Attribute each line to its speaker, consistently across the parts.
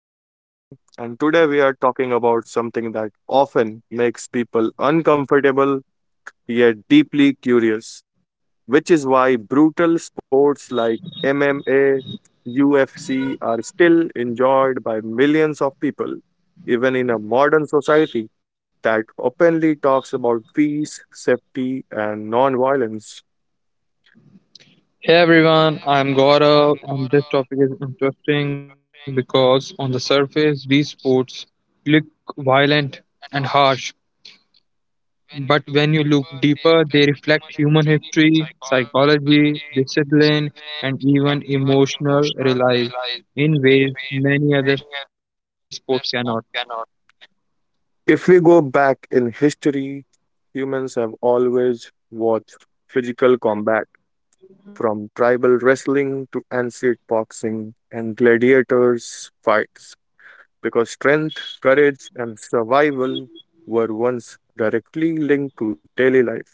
Speaker 1: I'm Aditya, and today we are talking about something that often makes people uncomfortable yet deeply curious, which is why brutal sports like MMA, UFC are still enjoyed by millions of people, even in a modern society that openly talks about peace, safety, and non violence.
Speaker 2: Hey everyone, I'm Gaurav, and this topic is interesting because on the surface, these sports look violent and harsh, but when you look deeper, they reflect human history, psychology, discipline, and even emotional reliance in ways many other sports cannot.
Speaker 1: If we go back in history, humans have always watched physical combat from tribal wrestling to ancient boxing and gladiators' fights, because strength, courage, and survival were once directly linked to daily life.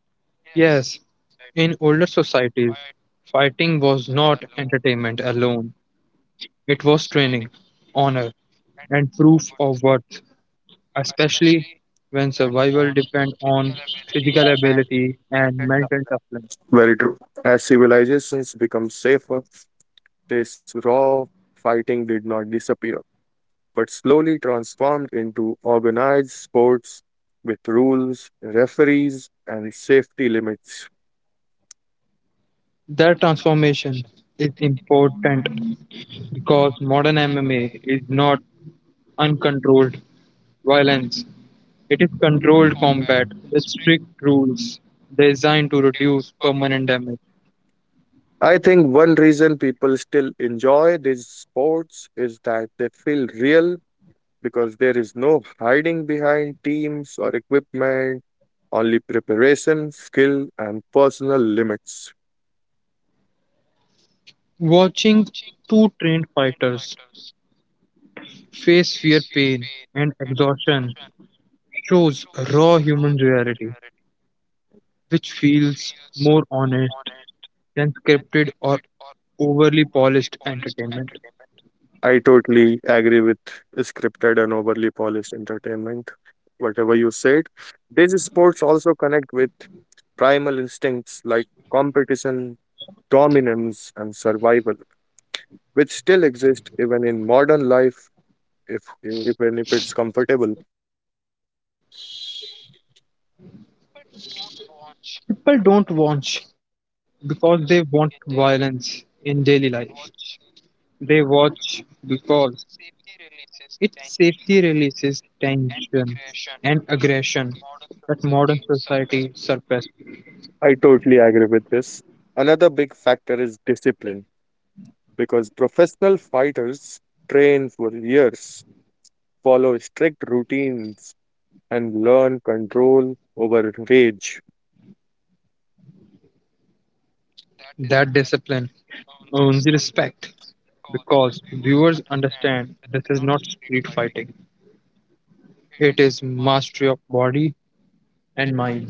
Speaker 2: Yes, in older societies, fighting was not entertainment alone, it was training, honor, and proof of worth, especially when survival depends on physical ability and mental toughness.
Speaker 1: Very true. As civilizations become safer, this raw fighting did not disappear, but slowly transformed into organized sports with rules, referees, and safety limits.
Speaker 2: That transformation is important because modern MMA is not uncontrolled violence. It is controlled combat with strict rules designed to reduce permanent damage.
Speaker 1: I think one reason people still enjoy these sports is that they feel real because there is no hiding behind teams or equipment, only preparation, skill, and personal limits.
Speaker 2: Watching two trained fighters face fear, pain, and exhaustion shows raw human reality, which feels more honest unscripted or overly polished entertainment.
Speaker 1: I totally agree with scripted and overly polished entertainment, whatever you said. These sports also connect with primal instincts like competition, dominance, and survival, which still exist even in modern life. If it's comfortable,
Speaker 2: People don't watch because they want violence in daily life. They watch because it safely releases tension and aggression that modern society suppresses.
Speaker 1: I totally agree with this. Another big factor is discipline because professional fighters train for years, follow strict routines, and learn control over rage.
Speaker 2: That discipline earns respect because viewers understand this is not street fighting, it is mastery of body and mind.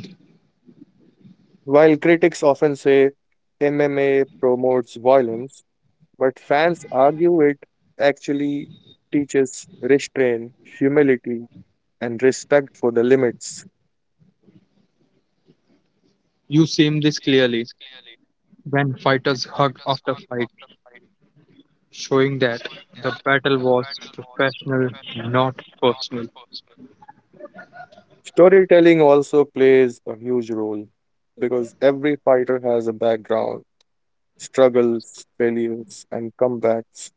Speaker 1: While critics often say MMA promotes violence, but fans argue it actually teaches restraint, humility, and respect for the limits.
Speaker 2: You seen this clearly when fighters hug after fight, showing that the battle was professional, not personal.
Speaker 1: Storytelling also plays a huge role because every fighter has a background, struggles, failures, and comebacks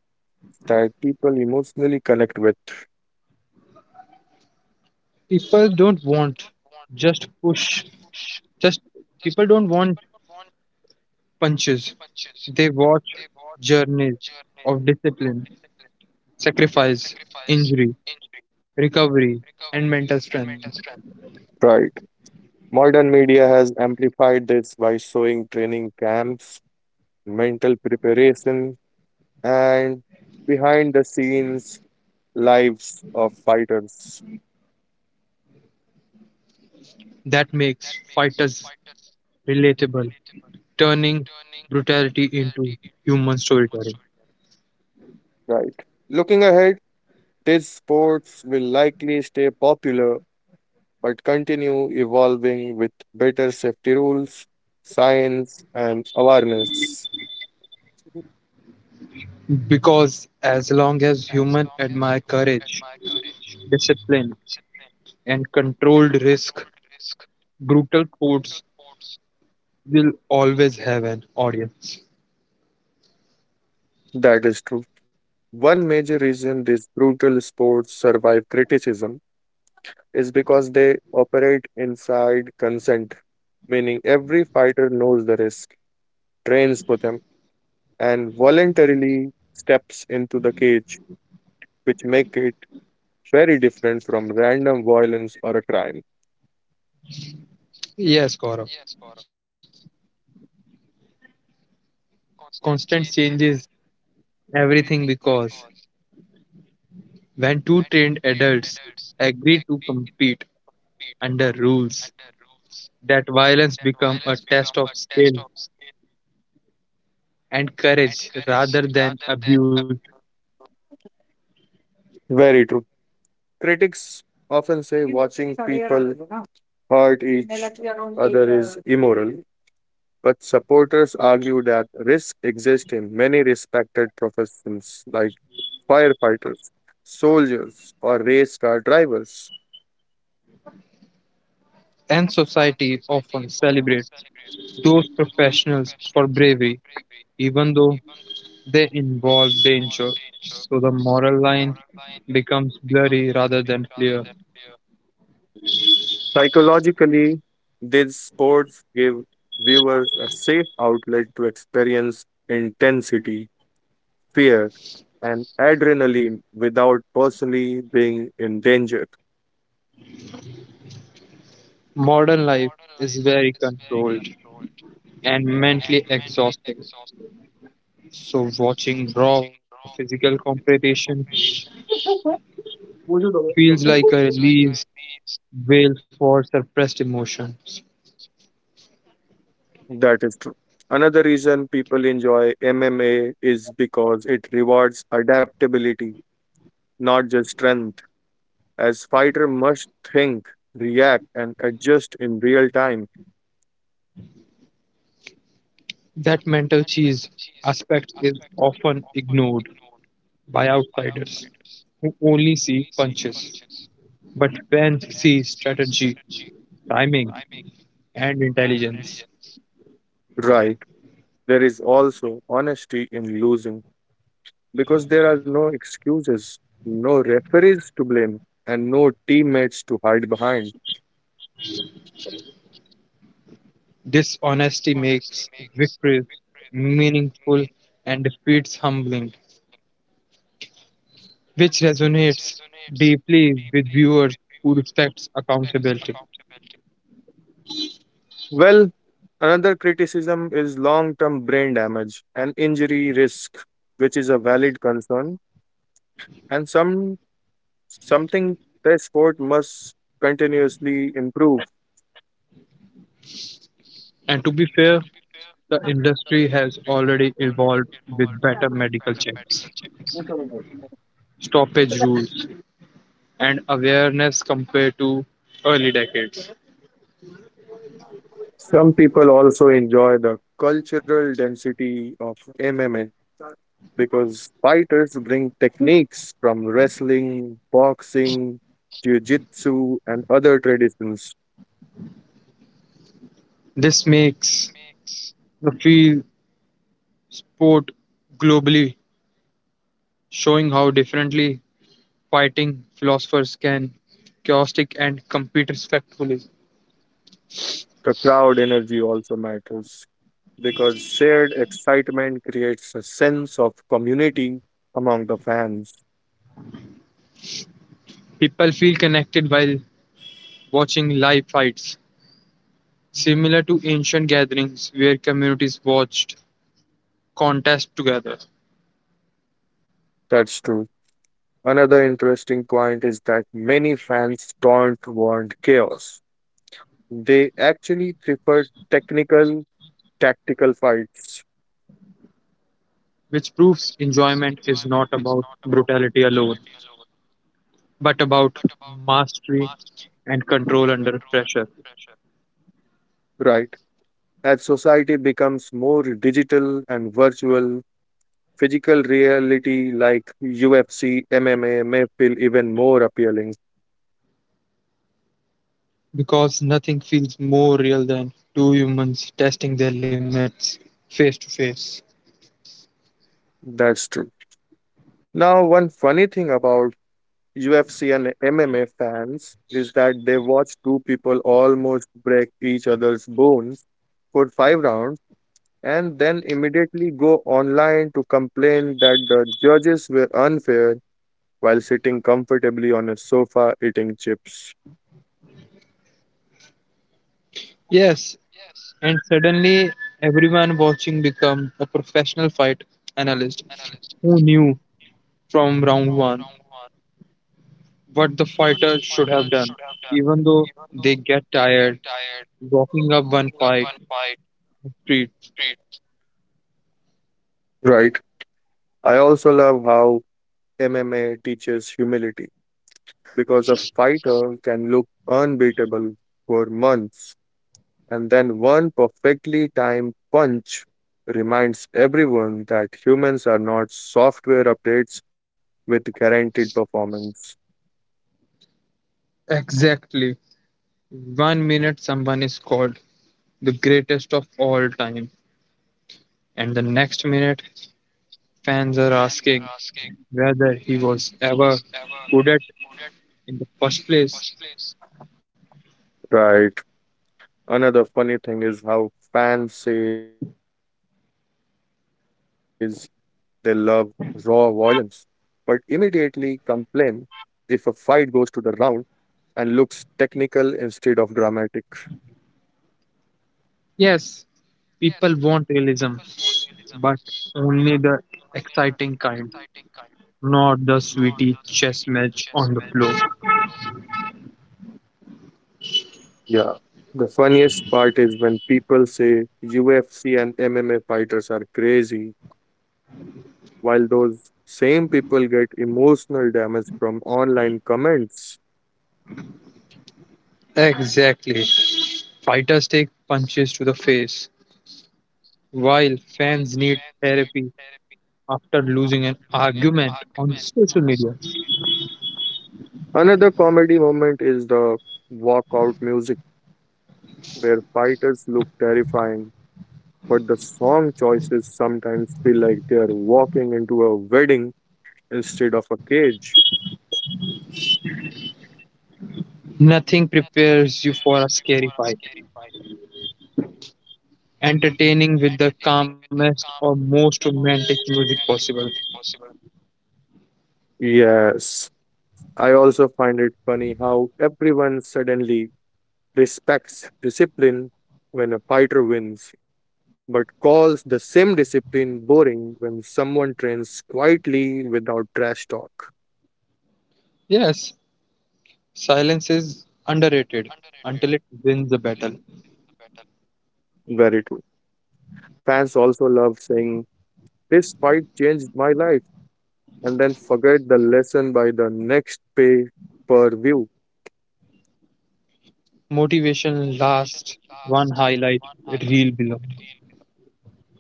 Speaker 1: that people emotionally connect with.
Speaker 2: People don't want just push, just people don't want punches. They watch journeys of discipline, sacrifice, injury, recovery, and mental strength.
Speaker 1: Right. Modern media has amplified this by showing training camps, mental preparation, and behind the scenes lives of fighters.
Speaker 2: That makes fighters relatable, turning brutality into human storytelling.
Speaker 1: Right. Looking ahead, these sports will likely stay popular but continue evolving with better safety rules, science, and awareness.
Speaker 2: Because as long as humans admire courage, discipline, and controlled risk, brutal codes will always have an audience.
Speaker 1: That is true. One major reason these brutal sports survive criticism is because they operate inside consent, meaning every fighter knows the risk, trains for them, and voluntarily steps into the cage, which make it very different from random violence or a crime.
Speaker 2: Yes, Gaurav. Constant changes everything because when two trained adults agree to compete under rules, that violence become a test of skill and courage rather than abuse.
Speaker 1: Very true. Critics often say watching people hurt each other is immoral, but supporters argue that risk exists in many respected professions like firefighters, soldiers, or race car drivers.
Speaker 2: And society often celebrates those professionals for bravery, even though they involve danger, so the moral line becomes blurry rather than clear.
Speaker 1: Psychologically, these sports give viewers a safe outlet to experience intensity, fear, and adrenaline without personally being in danger.
Speaker 2: Modern life is very controlled and mentally exhausting, so watching raw physical competition feels like a release veil for suppressed emotions.
Speaker 1: That is true. Another reason people enjoy MMA is because it rewards adaptability, not just strength, as fighter must think, react, and adjust in real time.
Speaker 2: That mental cheese aspect is often ignored by outsiders who only see punches, but fans see strategy, timing, and intelligence.
Speaker 1: Right. There is also honesty in losing because there are no excuses, no referees to blame, and no teammates to hide behind.
Speaker 2: Dishonesty makes victories meaningful and defeats humbling, which resonates deeply with viewers who respects accountability.
Speaker 1: Well, another criticism is long term brain damage and injury risk, which is a valid concern and something the sport must continuously improve.
Speaker 2: And to be fair, the industry has already evolved with better medical checks, stoppage rules, and awareness compared to early decades.
Speaker 1: Some people also enjoy the cultural density of MMA because fighters bring techniques from wrestling, boxing, jiu-jitsu, and other traditions.
Speaker 2: This makes the field sport globally, showing how differently fighting philosophers can chaotic and compete respectfully.
Speaker 1: The crowd energy also matters because shared excitement creates a sense of community among the fans.
Speaker 2: People feel connected while watching live fights, similar to ancient gatherings where communities watched contests together,
Speaker 1: That's true. Another interesting point is that many fans don't want chaos. They actually prefer technical, tactical fights,
Speaker 2: which proves enjoyment is not about brutality alone, but about mastery and control under pressure.
Speaker 1: right? As society becomes more digital and virtual, physical reality like UFC, MMA may feel even more appealing.
Speaker 2: Because nothing feels more real than two humans testing their limits face to face.
Speaker 1: That's true. Now, one funny thing about UFC and MMA fans is that they watch two people almost break each other's bones for five rounds and then immediately go online to complain that the judges were unfair while sitting comfortably on a sofa eating chips.
Speaker 2: Yes, and suddenly, everyone watching become a professional fight analyst who knew from round one what the fighter should have done, even though they get tired walking up one fight street.
Speaker 1: Right. I also love how MMA teaches humility because a fighter can look unbeatable for months and then one perfectly timed punch reminds everyone that humans are not software updates with guaranteed performance.
Speaker 2: Exactly. One minute, someone is called the greatest of all time, and the next minute, fans are asking whether he was ever good at in the first place.
Speaker 1: Right. Another funny thing is how fans says they love raw violence but immediately complain if a fight goes to the round and looks technical instead of dramatic.
Speaker 2: Yes, people want realism, but only the exciting kind, not the sweetie chess match on the floor.
Speaker 1: Yeah, the funniest part is when people say UFC and MMA fighters are crazy, while those same people get emotional damage from online comments.
Speaker 2: Exactly. Fighters take punches to the face, while fans need therapy after losing an argument on social media.
Speaker 1: Another comedy moment is the walkout music, where fighters look terrifying, but the song choices sometimes feel like they are walking into a wedding instead of a cage.
Speaker 2: Nothing prepares you for a scary fight. Entertaining with the calmest or most romantic music possible.
Speaker 1: Yes, I also find it funny how everyone suddenly respects discipline when a fighter wins, but calls the same discipline boring when someone trains quietly without trash talk.
Speaker 2: Yes, silence is underrated until it wins the battle.
Speaker 1: Very true. Fans also love saying, "This fight changed my life," and then forget the lesson by the next pay per view.
Speaker 2: Motivation lasts one highlight reel below.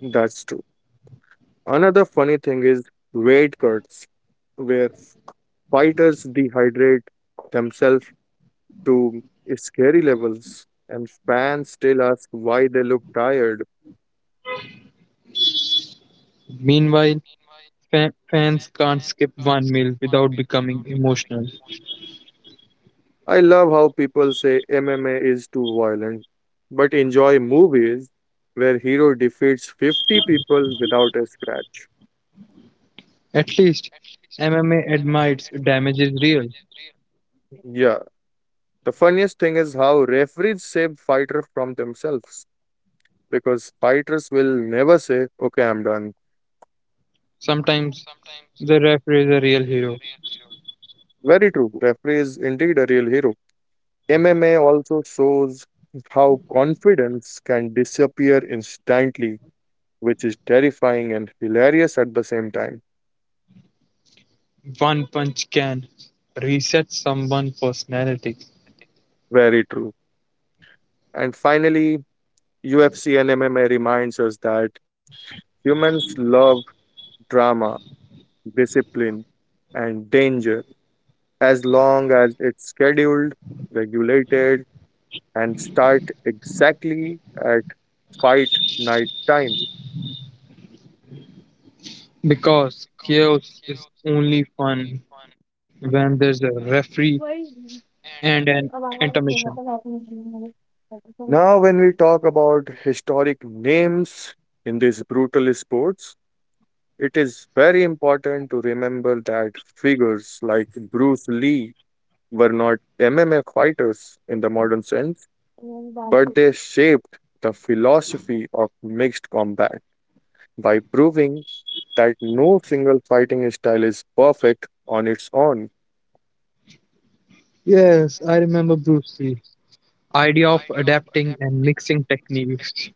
Speaker 1: That's true. Another funny thing is weight cuts, where fighters dehydrate themselves to scary levels, and fans still ask why they look tired.
Speaker 2: Meanwhile, fans can't skip one meal without becoming emotional.
Speaker 1: I love how people say MMA is too violent, but enjoy movies where hero defeats 50 people without a scratch.
Speaker 2: At least, MMA admits damage is real.
Speaker 1: Yeah, the funniest thing is how referees save fighter from themselves because fighters will never say, "Okay, I'm done."
Speaker 2: Sometimes the referee is a real hero.
Speaker 1: Very true. Referee is indeed a real hero. MMA also shows how confidence can disappear instantly, which is terrifying and hilarious at the same time.
Speaker 2: One punch can reset someone's personality
Speaker 1: Very true. And finally, UFC and MMA reminds us that humans love drama, discipline, and danger as long as it's scheduled, regulated, and start exactly at fight night time.
Speaker 2: because chaos is only fun when there's a referee and an intermission.
Speaker 1: Now, when we talk about historic names in these brutal sports, it is very important to remember that figures like Bruce Lee were not MMA fighters in the modern sense, but they shaped the philosophy of mixed combat by proving that no single fighting style is perfect on its own.
Speaker 2: Yes, I remember Bruce Lee. Idea of adapting and mixing techniques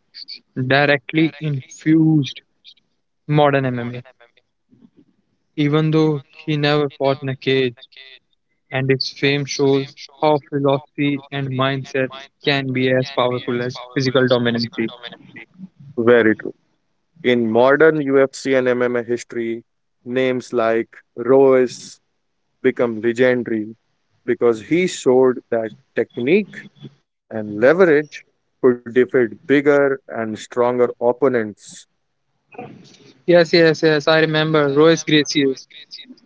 Speaker 2: directly infused modern MMA. Even though he never fought in a cage, and his fame shows how philosophy and mindset can be as powerful as physical dominance.
Speaker 1: Very true. In modern UFC and MMA history, names like Royce become legendary because he showed that technique and leverage could defeat bigger and stronger opponents.
Speaker 2: Yes, yes, yes. I remember Royce Gracie's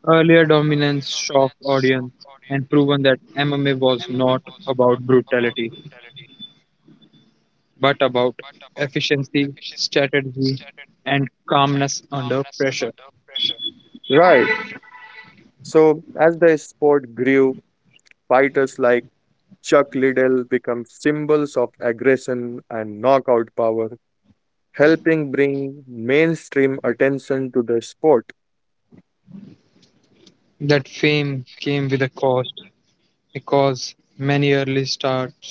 Speaker 2: earlier dominance shocked audience and proven that MMA was not about brutality, but about efficiency, strategy, and calmness under pressure.
Speaker 1: Right. So, as the sport grew, fighters like Chuck Liddell became symbols of aggression and knockout power, helping bring mainstream attention to the sport.
Speaker 2: That fame came with a cost because many early starts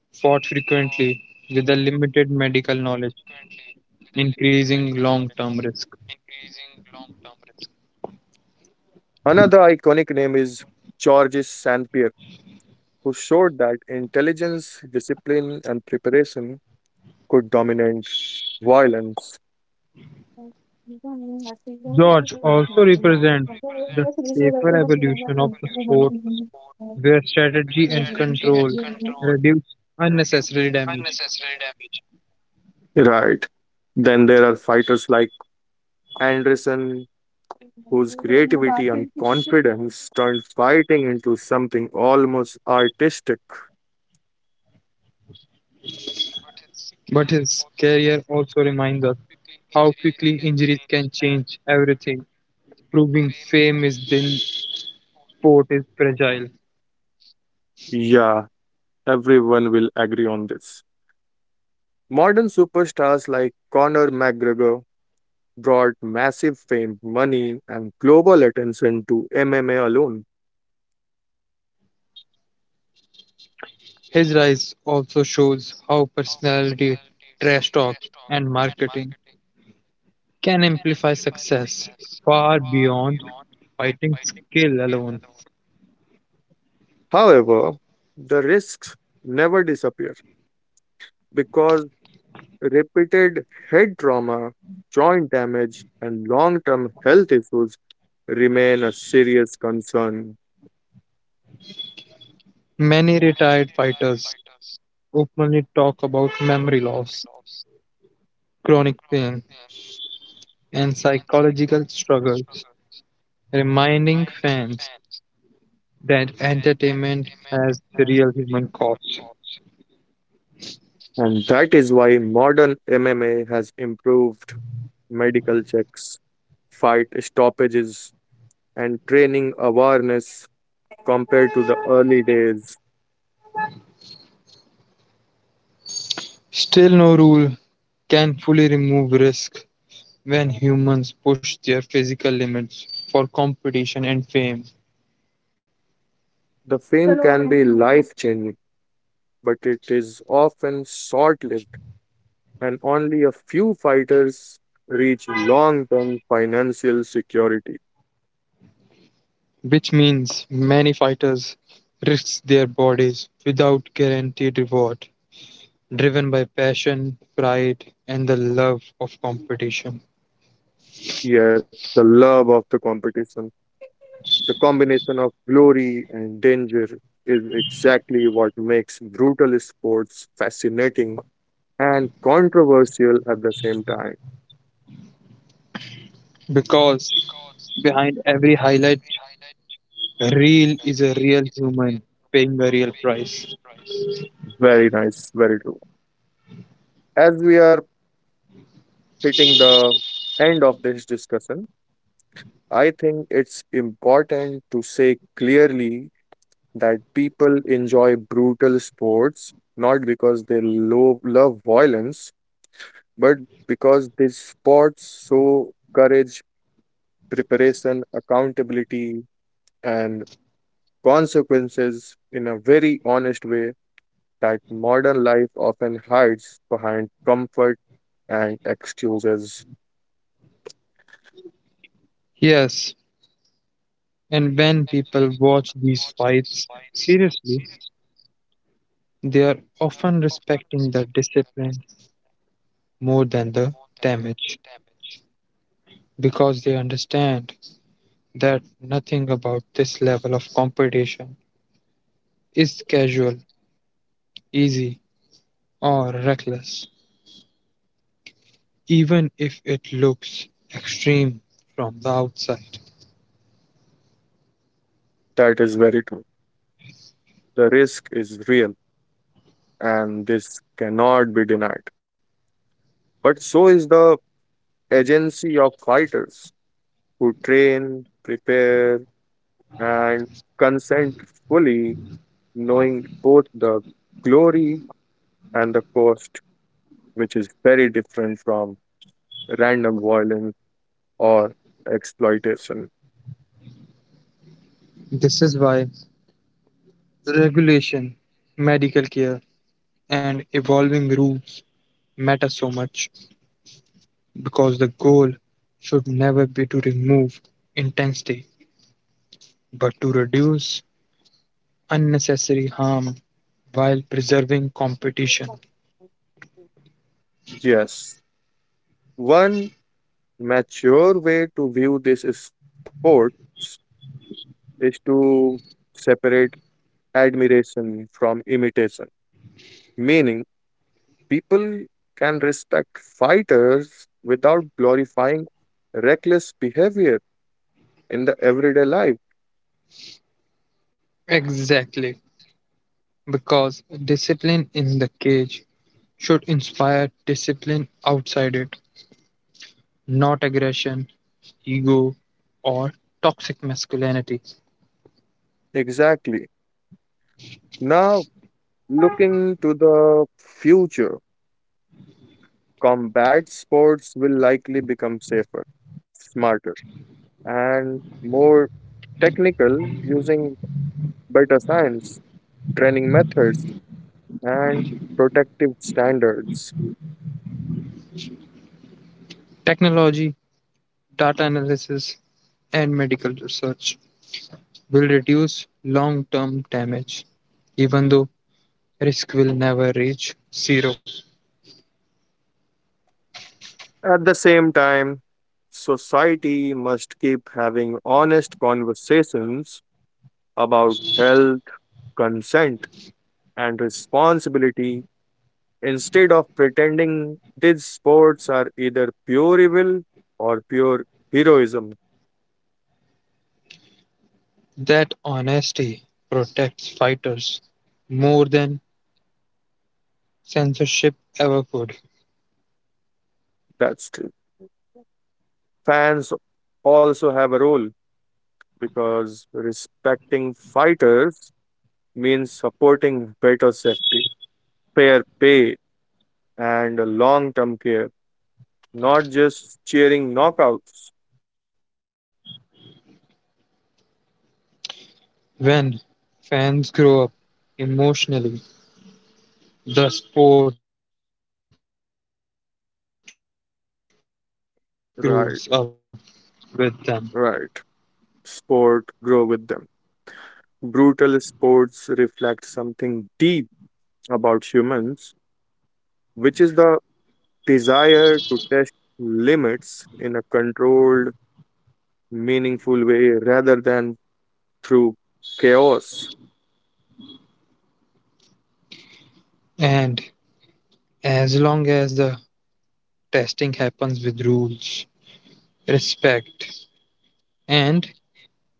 Speaker 2: fought frequently with a limited medical knowledge, increasing long term risk.
Speaker 1: Another iconic name is Georges St. Pierre, who showed that intelligence, discipline, and preparation could dominate violence.
Speaker 2: George also represents the safer evolution of the sport where strategy and control reduce unnecessary damage.
Speaker 1: Right. Then there are fighters like Anderson, whose creativity and confidence turned fighting into something almost artistic.
Speaker 2: But his career also reminds us how quickly injuries can change everything, proving fame is thin, sport is fragile.
Speaker 1: Yeah, everyone will agree on this. Modern superstars like Conor McGregor brought massive fame, money, and global attention to MMA alone.
Speaker 2: His rise also shows how personality, trash talk, and marketing can amplify success far beyond fighting skill alone.
Speaker 1: However, the risks never disappear because repeated head trauma, joint damage, and long term health issues remain a serious concern.
Speaker 2: Many retired fighters openly talk about memory loss, chronic pain, and psychological struggles, reminding fans that entertainment has real human costs.
Speaker 1: And that is why modern MMA has improved medical checks, fight stoppages, and training awareness compared to the early days.
Speaker 2: Still, no rule can fully remove risk when humans push their physical limits for competition and fame,
Speaker 1: The fame can be life changing, but it is often short lived, and only a few fighters reach long term financial security.
Speaker 2: which means many fighters risk their bodies without guaranteed reward, driven by passion, pride, and the love of competition.
Speaker 1: Yes, the love of the competition, the combination of glory and danger is exactly what makes brutal sports fascinating and controversial at the same time.
Speaker 2: Because behind every highlight reel is a real human paying a real price.
Speaker 1: Very nice, very true. As we are hitting the end of this discussion, I think it's important to say clearly that people enjoy brutal sports not because they love violence but because these sports show courage, preparation, accountability, and consequences in a very honest way that modern life often hides behind comfort and excuses.
Speaker 2: Yes, and when people watch these fights seriously, they are often respecting the discipline more than the damage because they understand that nothing about this level of competition is casual, easy, or reckless, even if it looks extreme from the outside.
Speaker 1: That is very true. The risk is real, and this cannot be denied. But so is the agency of fighters who train, prepare, and consent fully, knowing both the glory and the cost, which is very different from random violence or exploitation.
Speaker 2: This is why regulation, medical care, and evolving rules matter so much because the goal should never be to remove intensity but to reduce unnecessary harm while preserving competition.
Speaker 1: Yes, one mature way to view this is sports is to separate admiration from imitation, meaning people can respect fighters without glorifying reckless behavior in the everyday life.
Speaker 2: Exactly, because discipline in the cage should inspire discipline outside it, not aggression, ego, or toxic masculinity.
Speaker 1: Exactly. Now, looking to the future, combat sports will likely become safer, smarter, and more technical using better science, training methods, and protective standards.
Speaker 2: Technology, data analysis, and medical research will reduce long term damage, even though risk will never reach zero.
Speaker 1: At the same time, society must keep having honest conversations about health, consent, and responsibility instead of pretending these sports are either pure evil or pure heroism.
Speaker 2: That honesty protects fighters more than censorship ever could.
Speaker 1: That's true. Fans also have a role because respecting fighters means supporting better safety, fair pay, and long term care, not just cheering knockouts.
Speaker 2: When fans grow up emotionally, the sport grows up with them.
Speaker 1: Right, right. Sport grow with them. Brutal sports reflect something deep about humans, which is the desire to test limits in a controlled, meaningful way rather than through chaos.
Speaker 2: And as long as the testing happens with rules, respect, and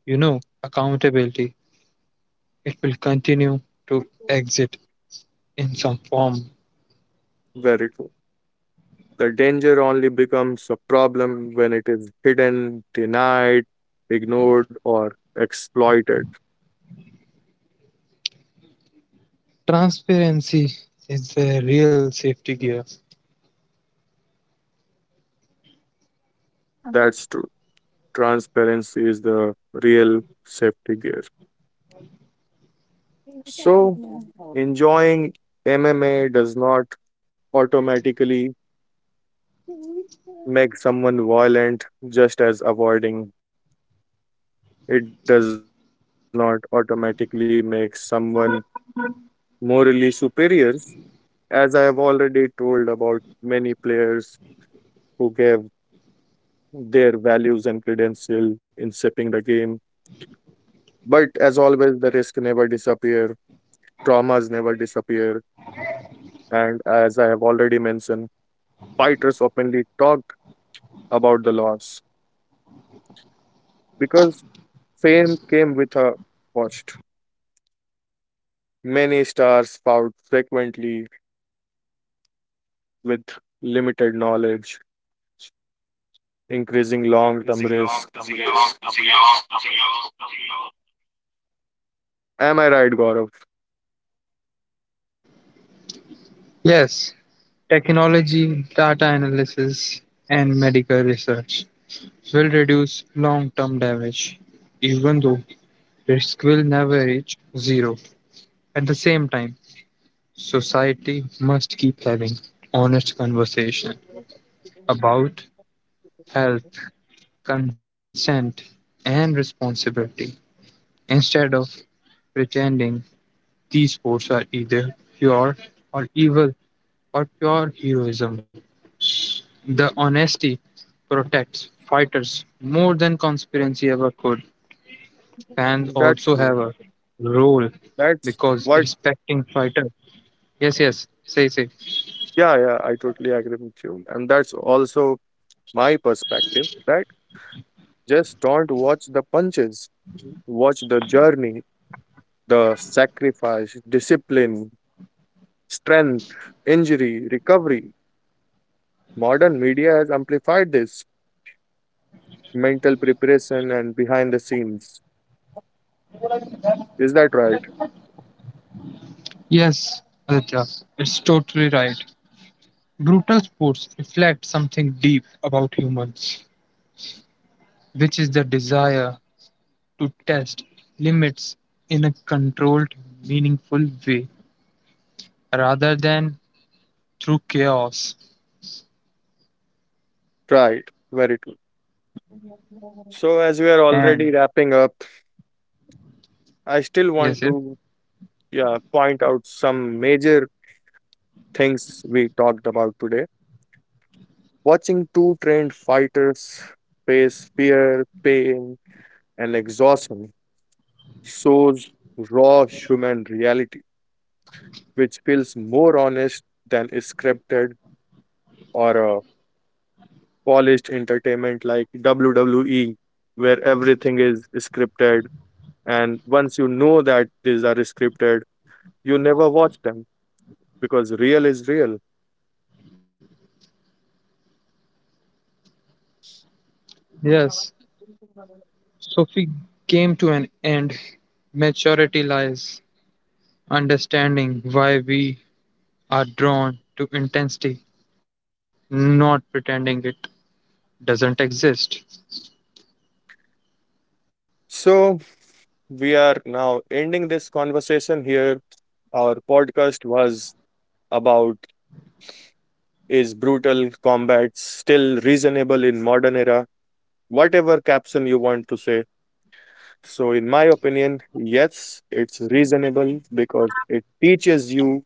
Speaker 2: accountability, it will continue to exit in some form.
Speaker 1: Very true. The danger only becomes a problem when it is hidden, denied, ignored, or exploited.
Speaker 2: Transparency is the real safety gear.
Speaker 1: That's true. Transparency is the real safety gear. So, enjoying MMA does not automatically make someone violent, just as avoiding it does not automatically make someone morally superior. As I have already told about many players who gave their values and credential in shaping the game. But as always, the risk never disappear, traumas never disappear, and as I have already mentioned, fighters openly talked about the loss because fame came with a cost. Many stars fought frequently with limited knowledge, increasing long-term risk. Am I right, Gaurav?
Speaker 2: Yes, technology, data analysis, and medical research will reduce long term damage, even though risk will never reach zero. At the same time, society must keep having honest conversation about health, consent, and responsibility instead of pretending these sports are either pure or evil or pure heroism. The honesty protects fighters more than conspiracy ever could. Fans
Speaker 1: That's
Speaker 2: also
Speaker 1: true.
Speaker 2: have a role
Speaker 1: That's
Speaker 2: because
Speaker 1: what.
Speaker 2: respecting fighters. Yes, yes, say, say.
Speaker 1: Yeah, yeah, I totally agree with you, and that's also my perspective that just don't watch the punches, watch the journey, the sacrifice, discipline, strength, injury, recovery. Modern media has amplified this mental preparation and behind the scenes. Is that right?
Speaker 2: Yes, Aditya, it's totally right. Brutal sports reflect something deep about humans, which is the desire to test limits in a controlled, meaningful way rather than through chaos.
Speaker 1: Right, very true. So, as we are already
Speaker 2: And
Speaker 1: wrapping up, I still want to
Speaker 2: yes, yes,
Speaker 1: yeah, point out some major things we talked about today. Watching two trained fighters face fear, pain, and exhaustion shows raw human reality, which feels more honest than a scripted or a polished entertainment like WWE, where everything is scripted. And once you know that these are scripted, you never watch them because real is real.
Speaker 2: yes, Sophie came to an end. Maturity lies understanding why we are drawn to intensity, not pretending it doesn't exist.
Speaker 1: So, we are now ending this conversation here. Our podcast was about, is brutal combat still reasonable in modern era? Whatever caption you want to say. So in my opinion, yes, it's reasonable because it teaches you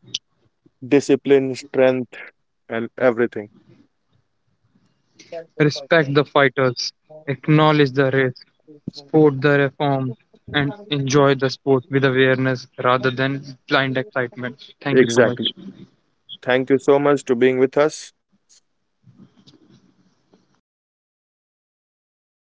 Speaker 1: discipline, strength and everything.
Speaker 2: Respect the fighters, acknowledge the risk, support the reform, and enjoy the sport with awareness rather than blind excitement. Thank you so much.
Speaker 1: Exactly. Thank you so much to being with us. कैसे खत्म हो गया